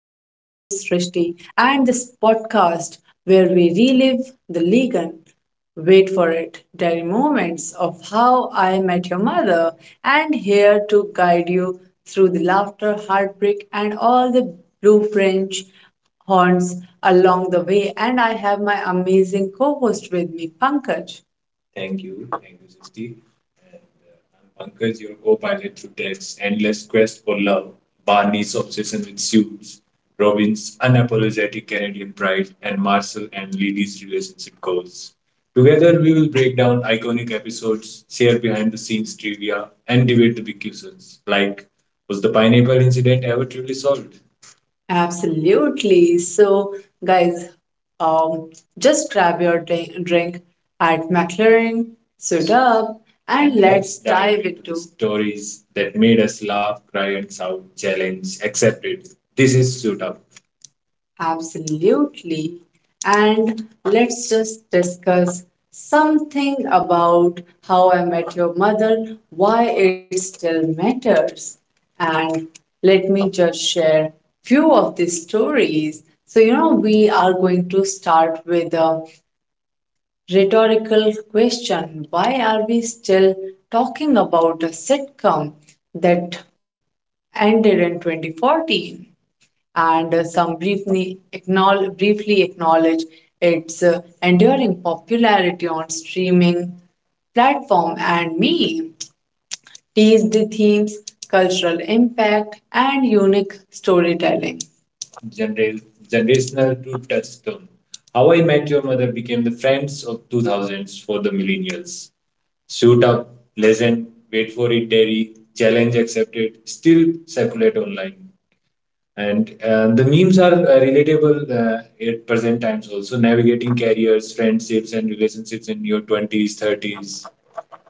Srishti, and this podcast where we relive the Ligan, wait for it, diary moments of How I Met Your Mother, and here to guide you through the laughter, heartbreak, and all the blue French horns along the way. And I have my amazing co host with me, Pankaj. Thank you. Thank you, 60. Pankaj, your co-pilot through Ted's endless quest for love, Barney's obsession with shoes, Robin's unapologetic Canadian pride, and Marcel and Lily's relationship goals. Together, we will break down iconic episodes, share behind-the-scenes trivia, and debate the big questions like, was the pineapple incident ever truly solved? Absolutely. So, guys, um, just grab your drink at McLaren, suit up, and let's dive into the stories that made us laugh, cry, and sound challenge, accepted. This is suit up. Absolutely. And let's just discuss something about How I Met Your Mother, why it still matters. And let me just share few of the stories. So, you know, we are going to start with a rhetorical question. Why are we still talking about a sitcom that ended in 2014? And some briefly acknowledge its enduring popularity on streaming platform and me tease the themes, cultural impact, and unique storytelling. Genera- Generational to touchstone. How I Met Your Mother became the friends of 2000s for the millennials. Suit up, listen, wait for it, dairy, challenge accepted, still circulate online and the memes are relatable at present times also navigating careers friendships and relationships in your 20s 30s.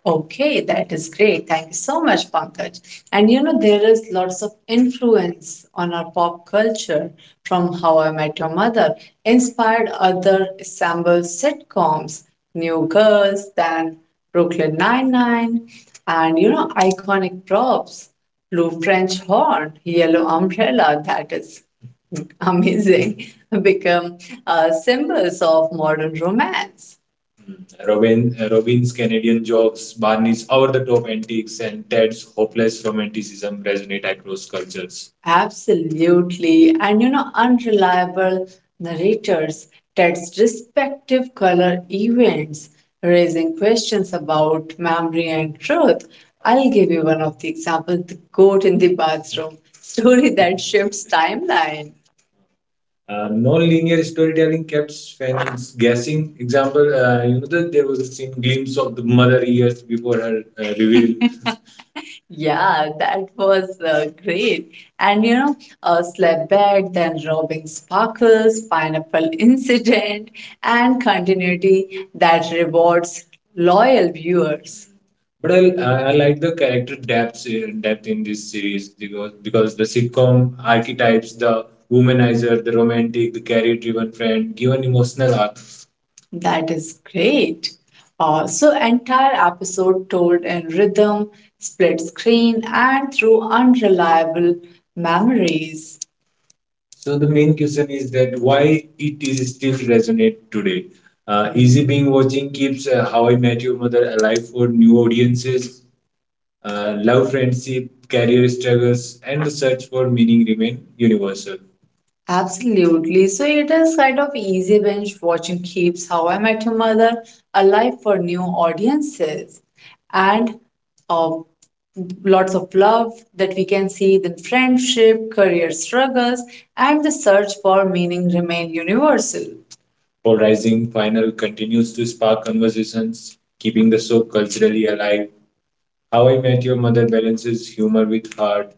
Okay, that is great. Thank you so much, Pankaj. And you know, there is lots of influence on our pop culture from How I Met Your Mother, inspired other ensemble sitcoms, New Girls, then Brooklyn Nine-Nine, and you know, iconic props, blue French horn, yellow umbrella, that is amazing, become symbols of modern romance. Robin's Canadian jokes, Barney's over the top antics, and Ted's hopeless romanticism resonate across cultures. Absolutely. And you know, unreliable narrators, Ted's respective color events, raising questions about memory and truth. I'll give you one of the examples, the goat in the bathroom story that shifts timeline. Non-linear storytelling kept fans guessing. Example, you know that there was a scene glimpse of the mother years before her reveal. Yeah, that was great. And you know, slept back, then robbing sparkles, pineapple incident, and continuity that rewards loyal viewers. But I like the character depth in this series, because the sitcom archetypes, the womanizer, the romantic, the career driven friend, given emotional arc. That is great. So entire episode told in rhythm, split screen, and through unreliable memories. So the main question is that why it is still resonate today. Easy Being Watching keeps How I Met Your Mother alive for new audiences. Love, friendship, career struggles, and the search for meaning remain universal. Absolutely. So it is kind of easy binge watching keeps How I Met Your Mother alive for new audiences. And uh, lots of love that we can see the friendship, career struggles, and the search for meaning remain universal. Polarizing final continues to spark conversations, keeping the show culturally alive. How I Met Your Mother balances humor with heart,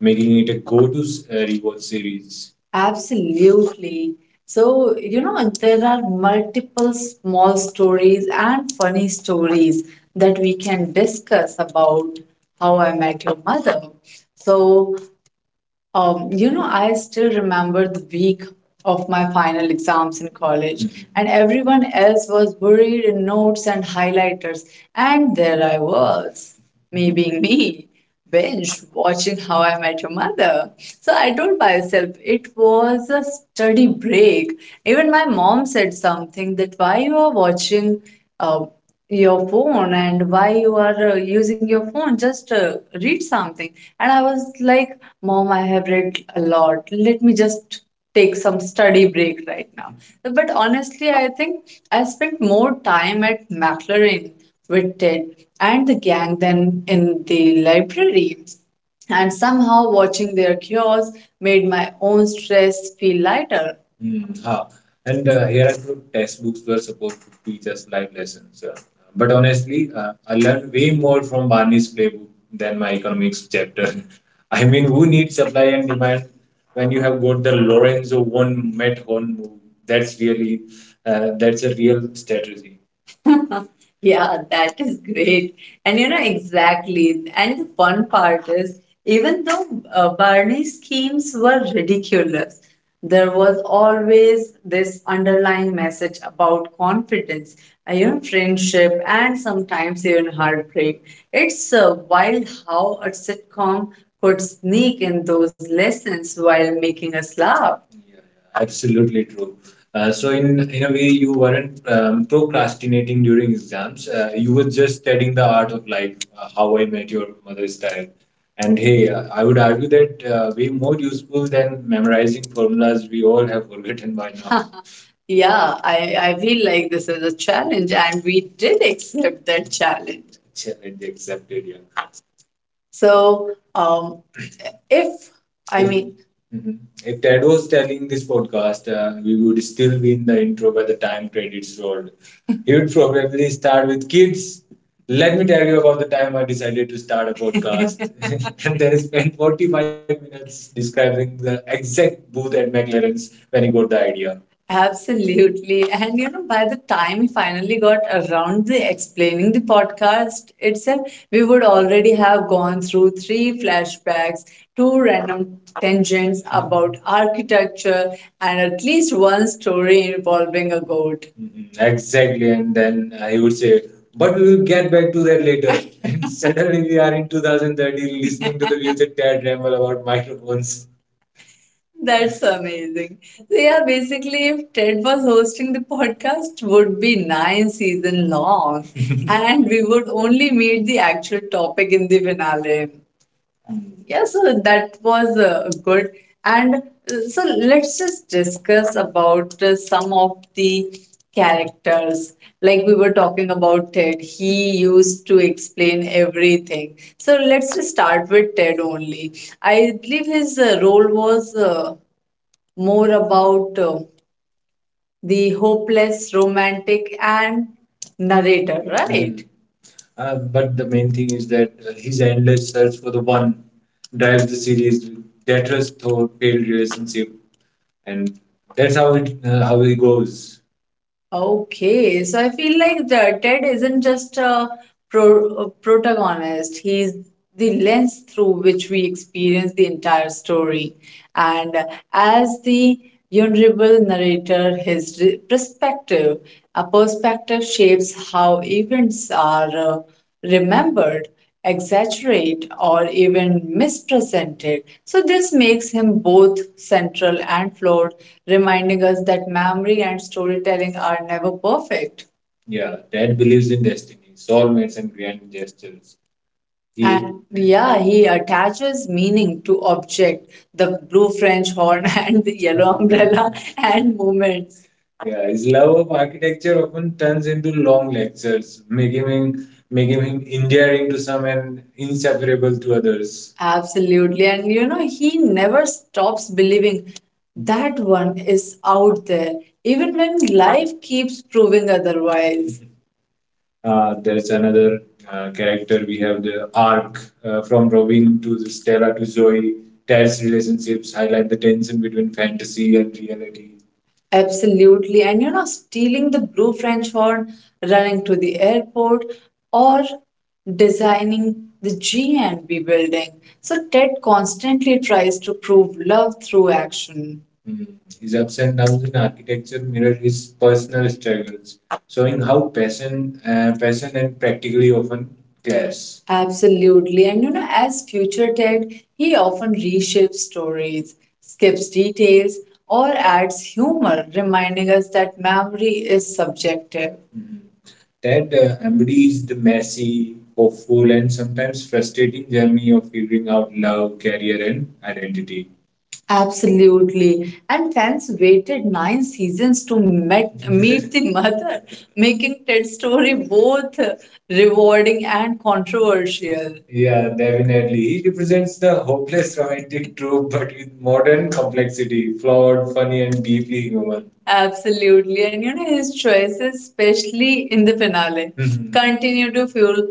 making it a go to rewatch series. Absolutely. So, you know, there are multiple small stories and funny stories that we can discuss about How I Met Your Mother. So, you know, I still remember the week of my final exams in college. Mhm. And everyone else was buried in notes and highlighters. And there I was, me being me, binge watching How I Met Your Mother. So I told myself it was a study break. Even my mom said something that why you are watching. Uh, your phone and why you are using your phone, just read something. And I was like, mom, I have read a lot, let me just take some study break right now. But honestly, I think I spent more time at McLaren with Ted and the gang than in the library, and somehow watching their cures made my own stress feel lighter. Mm, huh. And here I thought textbooks were supposed to teach us life lessons. But honestly, I learned way more from Barney's playbook than my economics chapter. I mean, who needs supply and demand when you have got the Lorenzo one Met Horn move? That's really, that's a real strategy. Yeah, that is great. And you know, exactly. And the fun part is, even though Barney's schemes were ridiculous, there was always this underlying message about confidence, you know, friendship, and sometimes even heartbreak. It's wild how a sitcom could sneak in those lessons while making us laugh. Absolutely true. So in a way, you weren't procrastinating during exams. You were just studying the art of life, How I Met Your Mother style. And hey, I would argue that way more useful than memorizing formulas we all have forgotten by now. Yeah, I feel like this is a challenge, and we did accept that challenge. Challenge accepted, yeah. So if I If, mean, mhm, if Ted was telling this podcast, we would still be in the intro by the time credits rolled. He would probably start with kids. Let me tell you about the time I decided to start a podcast. And then spent 45 minutes describing the exact booth at McLaren's when he got the idea. Absolutely. And you know, by the time we finally got around the explaining the podcast itself, we would already have gone through three flashbacks, two random tangents about architecture, and at least one story involving a goat. Mhm. Exactly, and then I would say, but we will get back to that later. And suddenly we are in 2030 listening to the music dad ramble about microphones. That's amazing. So yeah, basically, if Ted was hosting the podcast, would be nine season long, and we would only meet the actual topic in the finale. Yeah, so that was good. And so let's just discuss about some of the characters. Like we were talking about Ted, he used to explain everything. So let's just start with Ted only. I believe his role was. More about the hopeless romantic and narrator, right? But the main thing is that his endless search for the one drives the series with deathless thought, failed relationship, and that's how it goes. Okay, so I feel like the Ted isn't just a a protagonist, he's the lens through which we experience the entire story. And as the vulnerable narrator, his perspective shapes how events are remembered, exaggerated, or even mispresented. So this makes him both central and flawed, reminding us that memory and storytelling are never perfect. Yeah, Dad believes in destiny, soulmates, and grand gestures. He And yeah, he attaches meaning to object, the blue French horn and the yellow umbrella and movements. Yeah, his love of architecture often turns into long lectures, making him endearing to some and inseparable to others. Absolutely. And you know, he never stops believing that one is out there, even when life keeps proving otherwise. There's another character. We have the arc from Robin to the Stella to Zoe. Ted's relationships highlight the tension between fantasy and reality. Absolutely. And you know, stealing the blue French horn, running to the airport, or designing the G and B building. So Ted constantly tries to prove love through action. His ups and downs in architecture mirror his personal struggles, showing how passion and practically often clash. Absolutely. And you know, as future Ted, he often reshapes stories, skips details, or adds humor, reminding us that memory is subjective. That embodies the messy, hopeful, and sometimes frustrating journey of figuring out love, career, and identity. Absolutely. And fans waited nine seasons to meet the mother, making Ted's story both rewarding and controversial. Yeah, definitely. He represents the hopeless romantic trope, but with modern complexity, flawed, funny, and deeply human. Absolutely. And you know, his choices, especially in the finale, mhm, continue to fuel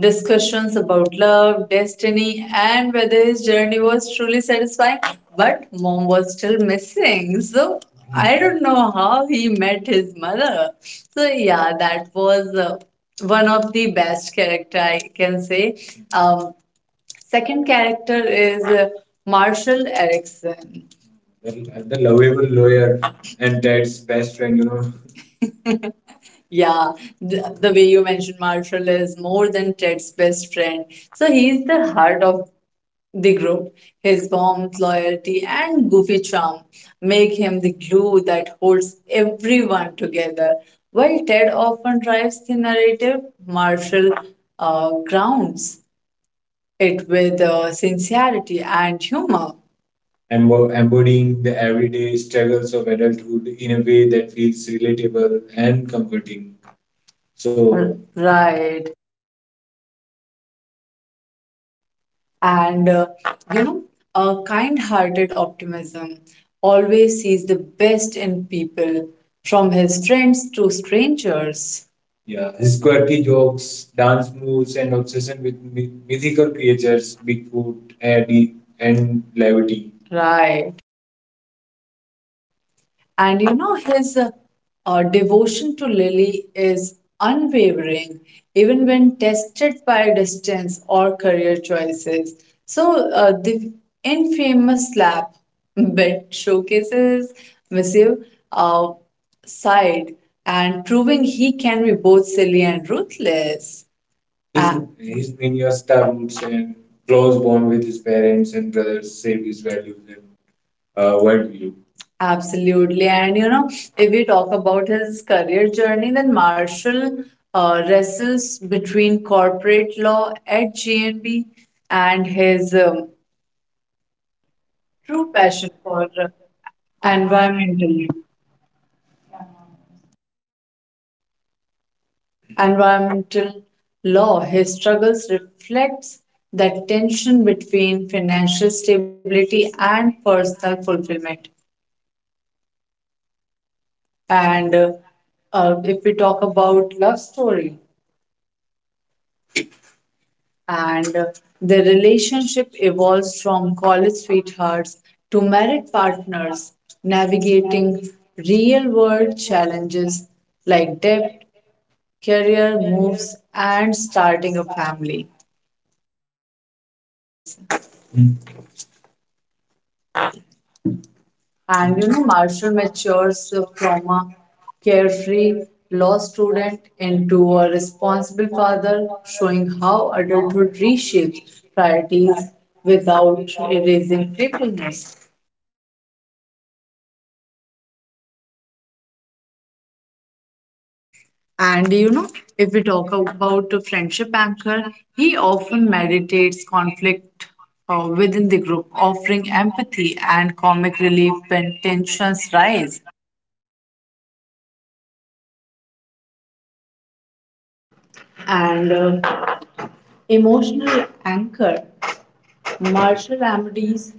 discussions about love, destiny, and whether his journey was truly satisfying. But mom was still missing. So I don't know how he met his mother. So, yeah, that was one of the best character I can say. Um, Second character is Marshall Erickson, the lovable lawyer and Ted's best friend, you know. Yeah, the way you mentioned Marshall is more than Ted's best friend. So he's the heart of the group. His warmth, loyalty, and goofy charm make him the glue that holds everyone together. While Ted often drives the narrative, Marshall grounds it with sincerity and humor, embodying the everyday struggles of adulthood in a way that feels relatable and comforting. Right. And, you know, a kind hearted optimism always sees the best in people, from his friends to strangers. Yeah, his quirky jokes, dance moves, and obsession with mythical creatures, Bigfoot, Eddie, and Levity. Right. And you know, his devotion to Lily is unwavering, even when tested by distance or career choices. So, the infamous slap bet showcases Monsieur uh, side and proving he can be both silly and ruthless. His Vinyasa roots and close bond with his parents and brothers save his values and worldview. Absolutely. And you know, if we talk about his career journey, then Marshall wrestles between corporate law at GNB and his true passion for Environment. environmental environmental law. His struggles reflects that tension between financial stability and personal fulfillment. And if we talk about love story and the relationship evolves from college sweethearts to married partners navigating real world challenges like debt, career moves, and starting a family. Bas. And you know, Marshall matures from a carefree law student into a responsible father, showing how adulthood reshapes priorities without erasing playfulness. And you know, if we talk about a friendship anchor, he often meditates conflict within the group, offering empathy and comic relief when tensions rise. And Emotional anchor. Marshall Amody's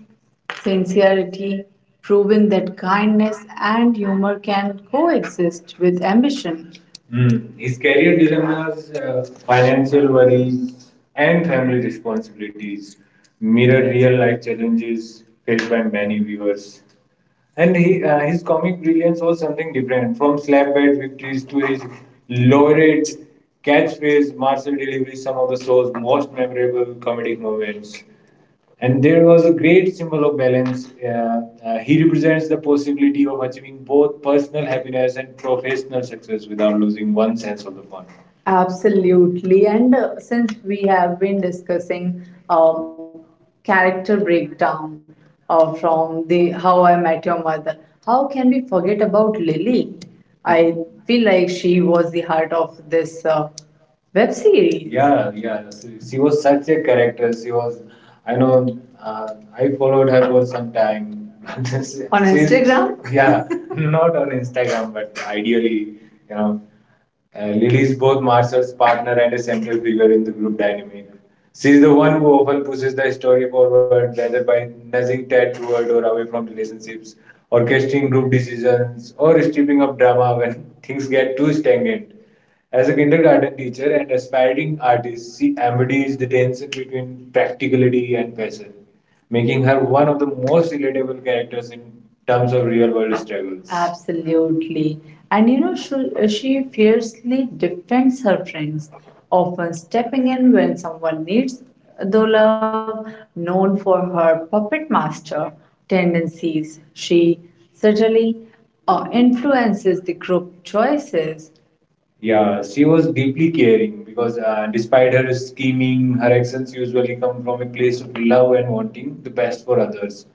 sincerity, proving that kindness and humor can coexist with ambition. Hmm. His career dilemmas, financial worries, and family responsibilities mirror real life challenges faced by many viewers. And his comic brilliance was something different from slaphead victories to his loaded catchphrase, martial delivery, some of the show's most memorable comedic moments. And there was a great symbol of balance. He represents the possibility of achieving both personal happiness and professional success without losing one sense of the fun. Absolutely. And since we have been discussing um, character breakdown from the How I Met Your Mother, how can we forget about Lily? I feel like she was the heart of this web series. Yeah, yeah. She was such a character. She was, I know, uh, I followed her for some time. On Instagram? Yeah, not on Instagram, but ideally, you know. Lily is both Marcel's partner and a central figure in the group dynamic. She is the one who often pushes the story forward, whether by nudging Ted toward or away from relationships, orchestrating group decisions, or stripping up drama when things get too stagnant. As a kindergarten teacher and aspiring artist, she embodies the tension between practicality and passion, making her one of the most relatable characters in terms of real world struggles. Absolutely. And you know, she fiercely defends her friends, often stepping in when someone needs the love, known for her puppet master tendencies. She certainly influences the group choices. Yeah, she was deeply caring because despite her scheming, her actions usually come from a place of love and wanting the best for others.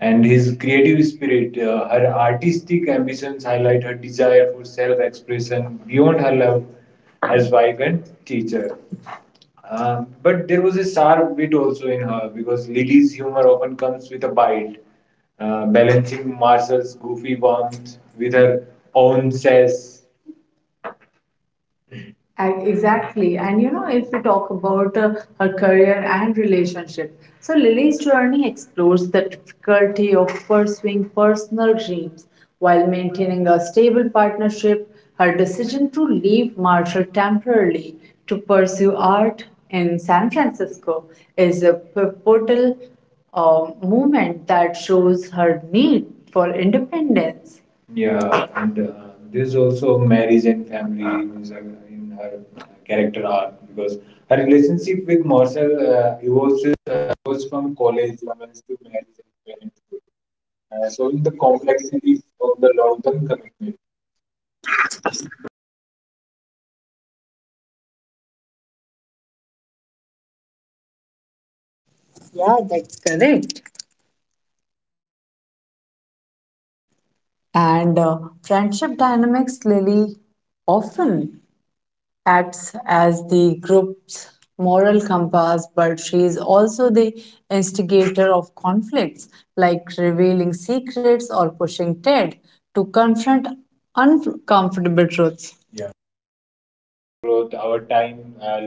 And his creative spirit, her artistic ambitions highlight her desire for self expression beyond her love as wife and teacher. But there was a sharp wit also in her because Lily's humor often comes with a bite, balancing Marcel's goofy warmth with her own sass. I- Exactly. And you know, if we talk about her career and relationship, so Lily's journey explores the difficulty of pursuing personal dreams while maintaining a stable partnership. Her decision to leave Marshall temporarily to pursue art in San Francisco is a pivotal moment that shows her need for independence. Yeah, and there's also marriage and family in her character arc because her relationship with Marcel Yeah, that's correct. And friendship dynamics, Lily often acts as the group's moral compass, but she is also the instigator of conflicts, like revealing secrets or pushing Ted to confront uncomfortable truths.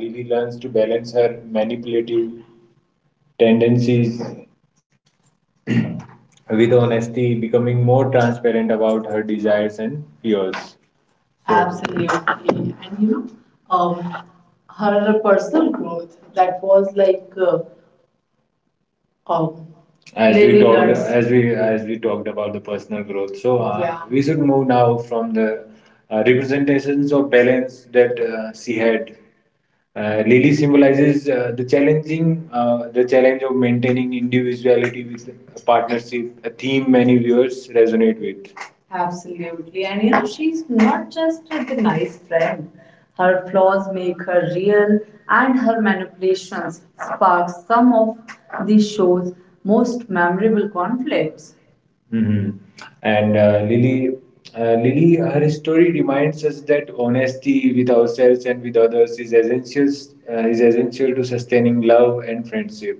she learns to balance her manipulative tendencies with honesty, becoming more transparent about her desires and fears. So, absolutely. And you know, um, her personal growth, that was like um, as we talked about the personal growth. So yeah, we should move now from the representations of balance that she had. Lily symbolizes the challenge of maintaining individuality with a partnership, a theme many viewers resonate with. Absolutely. And you know, she's not just the nice friend. Her flaws make her real, and her manipulations spark some of the show's most memorable conflicts. hmm And Lily, her story reminds us that honesty with ourselves and with others is essential. Is essential to sustaining love and friendship.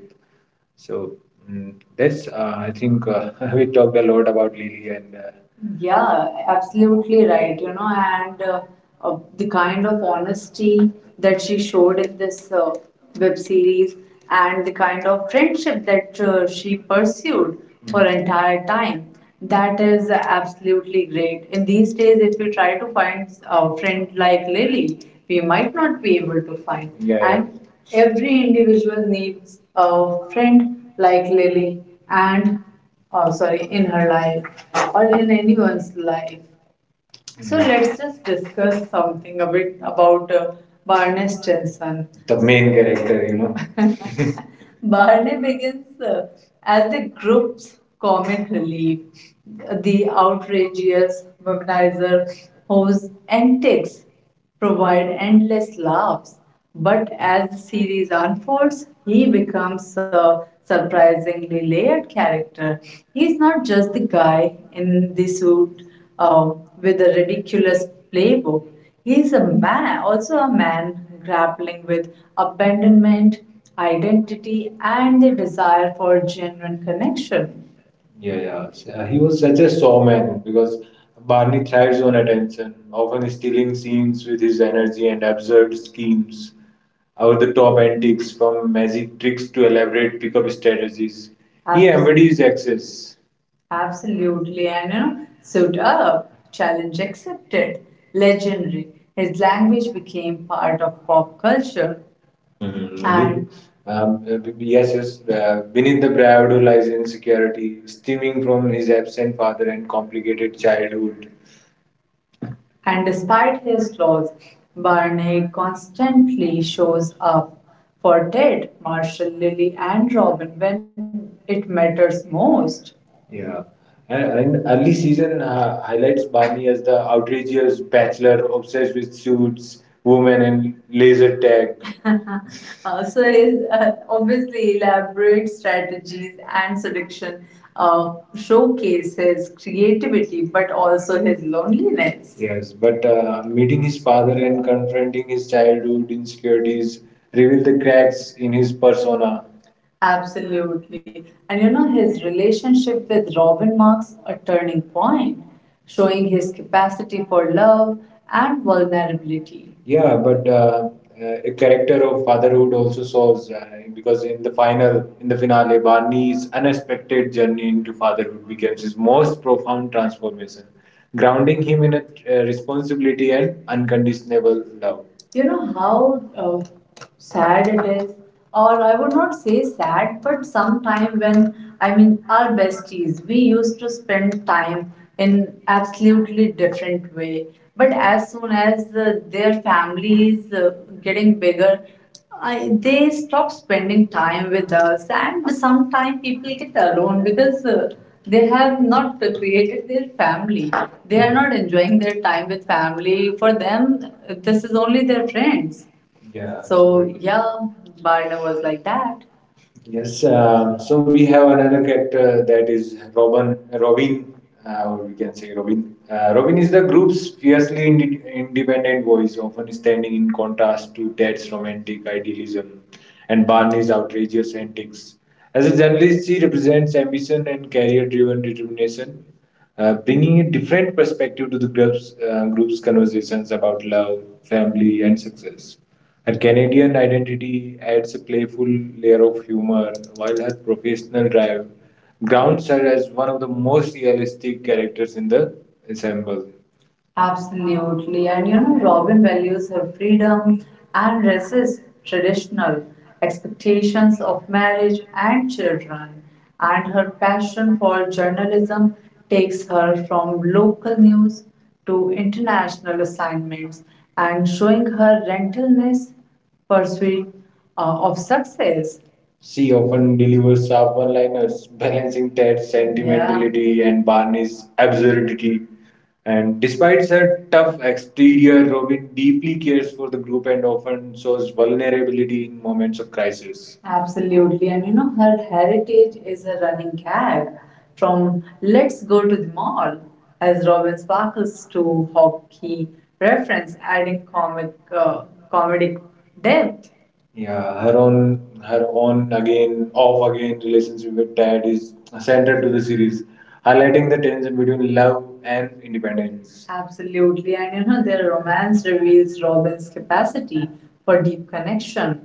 So mm, that's. I think we talked a lot about Lily, and yeah, absolutely right. You know, and the kind of honesty that she showed in this web series, and the kind of friendship that she pursued for entire time, that is absolutely great. In these days, if we try to find a friend like Lily, we might not be able to find. Yeah, yeah. And every individual needs a friend like Lily, and oh sorry, in her life or in anyone's life. So let's just discuss something a bit about Barnes Jensen, the main character, you know. Barney begins as the group's comic relief, the outrageous womanizer whose antics provide endless laughs. But as the series unfolds, he becomes a surprisingly layered character. He's not just the guy in the suit uh, with a ridiculous playbook. He is a man grappling with abandonment, identity, and the desire for genuine connection. Yeah, yeah. So, he was such a showman because Barney thrives on attention, often stealing scenes with his energy and absurd schemes, over the top antics from magic tricks to elaborate pickup strategies. Embodies excess. Absolutely, and you know, suit up, challenge accepted, legendary. His language became part of pop culture. Mhm. Yes. Beneath the bravado lies insecurity, stemming from his absent father and complicated childhood. And despite his flaws, Barney constantly shows up for Ted, Marshall, Lily, and Robin when it matters most. Yeah. And early season highlights Barney as the outrageous bachelor obsessed with suits, women, and laser tag. So is Obviously elaborate strategies and seduction showcase his creativity, but also his loneliness. Yes, but meeting his father and confronting his childhood insecurities reveal the cracks in his persona. Absolutely. And you know, his relationship with Robin marks a turning point, showing his capacity for love and vulnerability. Yeah, but a character of fatherhood also shows because in the finale, Barney's unexpected journey into fatherhood becomes his most profound transformation, grounding him in a responsibility and unconditional love. You know how sad it is, or I would not say sad, but sometime when I mean our besties, we used to spend time in absolutely different way, but as soon as their families getting bigger, they stop spending time with us, and sometimes people get alone because they have not created their family, they are not enjoying their time with family. For them, this is only their friends. Yeah, so absolutely. Yeah, Barna was like that. Yes, so we have another character that is Robin. Robin, or we can say Robin. Robin is the group's fiercely independent voice, often standing in contrast to Ted's romantic idealism and Barney's outrageous antics. As a journalist, she represents ambition and career driven determination, bringing a different perspective to the group's conversations about love, family, and success. Her Canadian identity adds a playful layer of humor, while her professional drive grounds her as one of the most realistic characters in the ensemble. Absolutely. And you know, Robin values her freedom and resists traditional expectations of marriage and children. And her passion for journalism takes her from local news to international assignments, and showing her relentless pursuit of success. She often delivers sharp one liners, balancing that, yeah, sentimentality and Barney's absurdity. And despite her tough exterior, Robin deeply cares for the group and often shows vulnerability in moments of crisis. Absolutely. And you know, her heritage is a running gag, from Let's Go to the Mall as Robin Sparkles to hockey reference, adding comic comedic depth. Yeah, her own again, off again relationship with Tad is central to the series, highlighting the tension between love and independence. Absolutely, and you know, their romance reveals Robin's capacity for deep connection.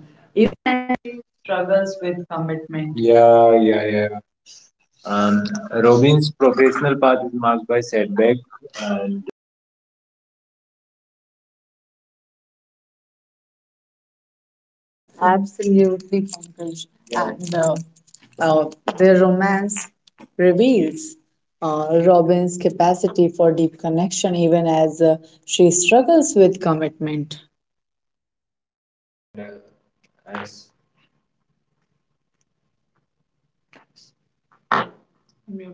Absolutely bonkers. And uh, their romance reveals Robin's capacity for deep connection, even as she struggles with commitment. अरे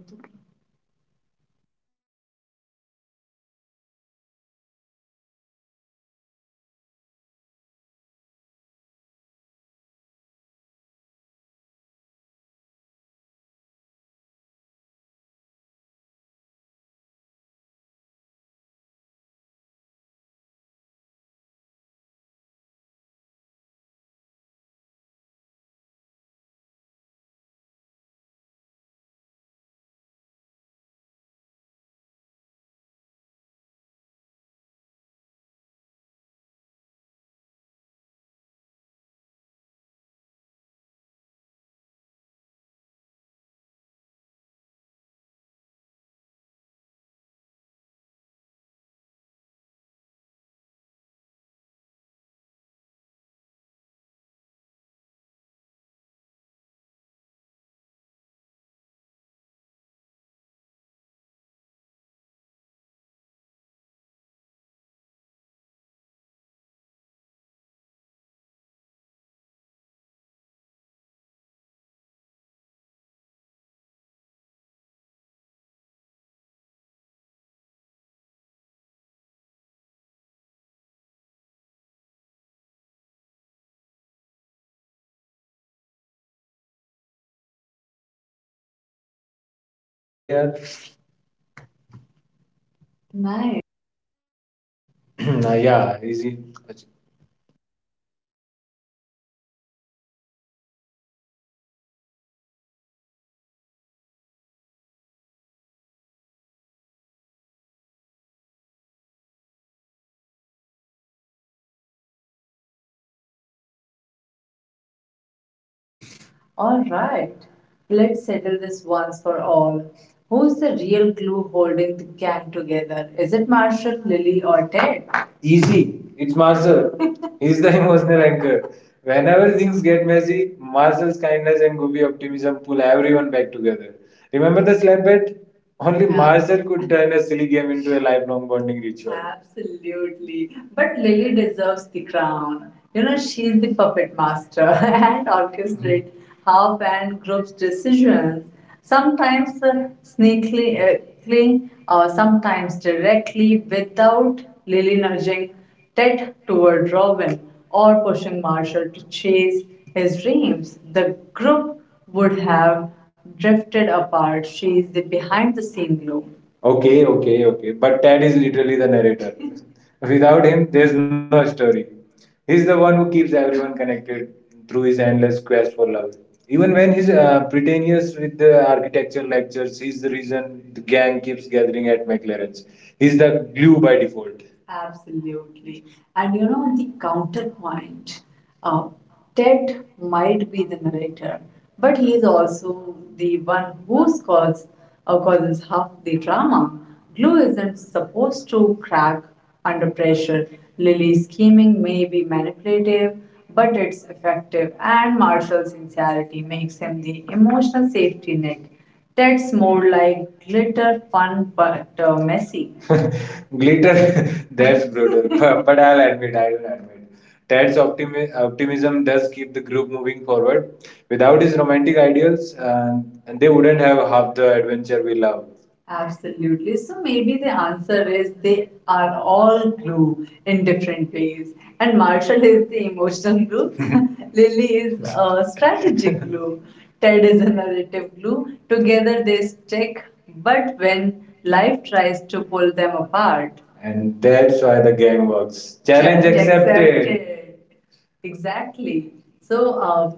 यार. Nice. ना या easy. All right. Let's settle this once for all. Who's the real glue holding the gang together? Is it Marshall, Lily, or Ted? Easy. It's Marcel. He's the emotional anchor. Whenever things get messy, Marcel's kindness and Goopy optimism pull everyone back together. Remember the slap bet? Only, yeah, Marcel could turn a silly game into a lifelong bonding ritual. Absolutely. But Lily deserves the crown. You know, she's the puppet master and orchestrate how and group's decisions, sometimes sneakily, sometimes directly. Without Lily nudging Ted toward Robin or pushing Marshall to chase his dreams, the group would have drifted apart. She's the behind the scene gloom. Okay, okay, okay. But Tad is literally the narrator. Without him, there's no story. He's the one who keeps everyone connected through his endless quest for love. Even when he's pretentious with the architecture lectures, he's the reason the gang keeps gathering at McLaren's. He's the glue by default. Absolutely. And you know, the counterpoint, uh, Ted might be the narrator, but he is also the one who scores, causes half the drama. Glue isn't supposed to crack under pressure. Lily's scheming may be manipulative, but it's effective, and Marshall's sincerity makes him the emotional safety net. Ted's more like glitter, fun, but messy. Glitter, that's brutal. I'll admit, Ted's optimism does keep the group moving forward. Without his romantic ideals, they wouldn't have half the adventure we love. Absolutely. So maybe the answer is they are all glue in different ways. And Marshall is the emotional glue, Lily is a strategic glue, Ted is a narrative glue. Together they stick, but when life tries to pull them apart. And that's why the game works. Challenge accepted. Exactly. So,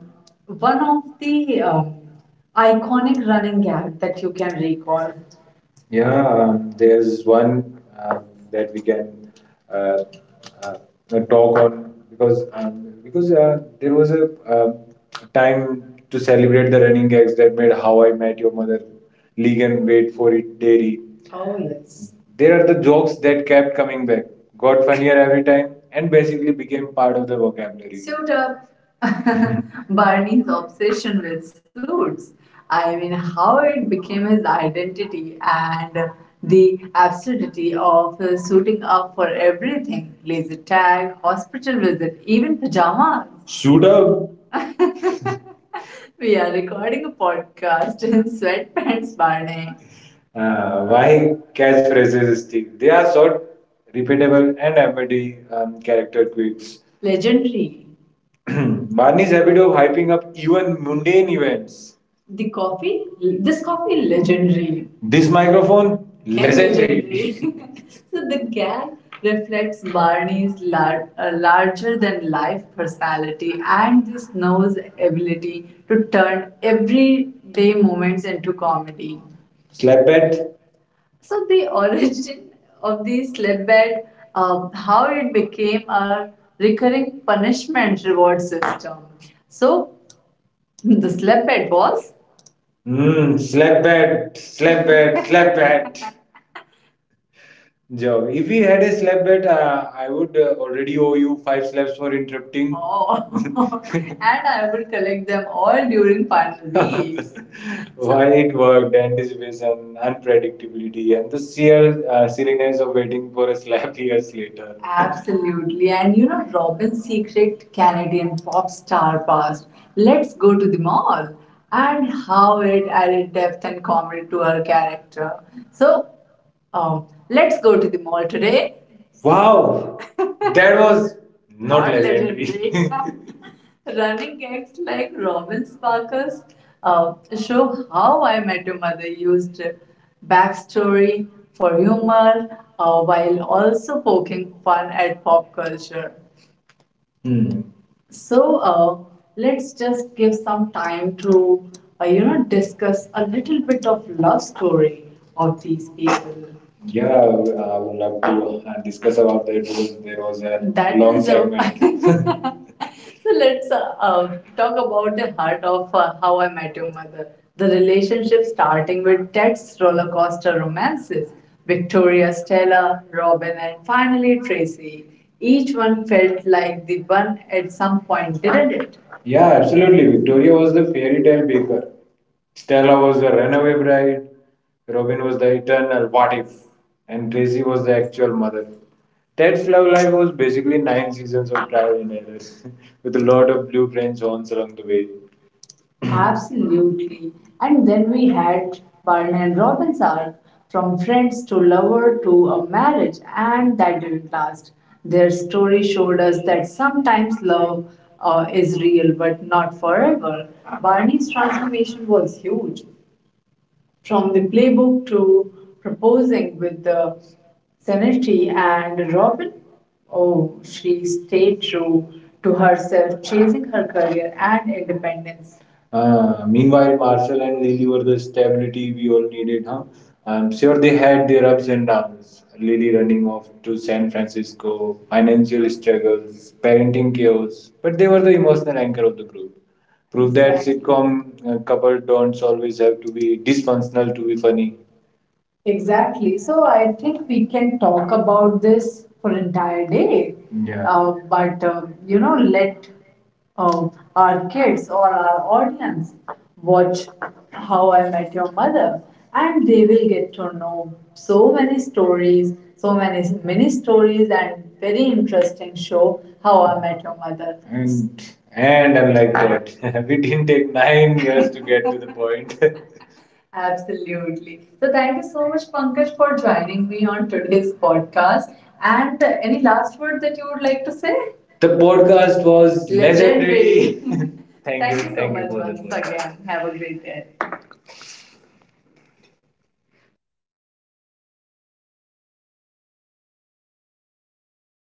one of the iconic running gag that you can recall. Yeah, there's one um, that we can uh, uh, talk on because there was a time to celebrate the running gags that made How I Met Your Mother, League and Wait for It, Dairy. Oh, yes. There are the jokes that kept coming back, got funnier every time, and basically became part of the vocabulary. Suit up. Barney's obsession with suits. I mean, how it became his identity and the absurdity of suiting up for everything: laser tag, hospital visit, even pajamas. Suit up. We are recording a podcast in sweatpants, Barney. Why catchphrases stick? They are short, repeatable, and amity character quirks. Legendary. Barney's habit of hyping up even mundane events. The coffee? This coffee, legendary. This microphone, And legendary. Legendary. So the gag reflects Barney's larger than life personality and this nose ability to turn everyday moments into comedy. Slab bed? So the origin of the slab bed, how it became a recurring punishment reward system. So the slab bed was. Mm, slap bed, slap bed, slap bed. Joe, if we had a slap bed, I would already owe you five slaps for interrupting. Oh, and I would collect them all during final weeks. Why it worked: anticipation, unpredictability, and the sheer silliness of waiting for a slap years later. Absolutely. And you know, Robin's secret Canadian pop star past, Let's Go to the Mall, and how it added depth and comedy to her character. So, um, let's go to the mall today. Wow, that was not legendary. Running acts like Robin Sparkles show how I Met Your Mother used backstory for humor while also poking fun at pop culture. Hmm. So let's just give some time to you know discuss a little bit of love story of these people. Yeah, I would love to discuss about that because there was a. That long is a. segment. So let's talk about the heart of How I Met Your Mother. The relationship starting with Ted's roller coaster romances, Victoria, Stella, Robin, and finally Tracy. Each one felt like the one at some point, didn't it? Yeah, absolutely. Victoria was the fairy tale baker. Stella was the runaway bride. Robin was the eternal what if. And Tracy was the actual mother. Ted's love life was basically nine seasons of trial and error, with a lot of blue French horns along the way. Absolutely. And then we had Barn and Robin's arc from friends to lover to a marriage, and that didn't last. Their story showed us that sometimes love is real but not forever. Barney's transformation was huge, from the playbook to proposing with the sanity and Robin. Oh, she stayed true to herself, chasing her career and independence. Meanwhile, Marcel and Lily were the stability we all needed, huh? I'm sure they had their ups and downs. Lily running off to San Francisco, financial struggles, parenting chaos, but they were the emotional anchor of the group. Prove that, exactly, sitcom couple don't always have to be dysfunctional to be funny. Exactly. So I think we can talk about this for entire day. Yeah. But you know, let uh, our kids or our audience watch How I Met Your Mother, and they will get to know so many stories, so many stories, and very interesting show How I Met Your Mother. And I'm like that. We didn't take 9 years to get to the point. Absolutely. So thank you so much, Pankaj, for joining me on today's podcast. And any last word that you would like to say? The podcast was legendary. Thank you so thank you much for the once podcast. Again. Have a great day.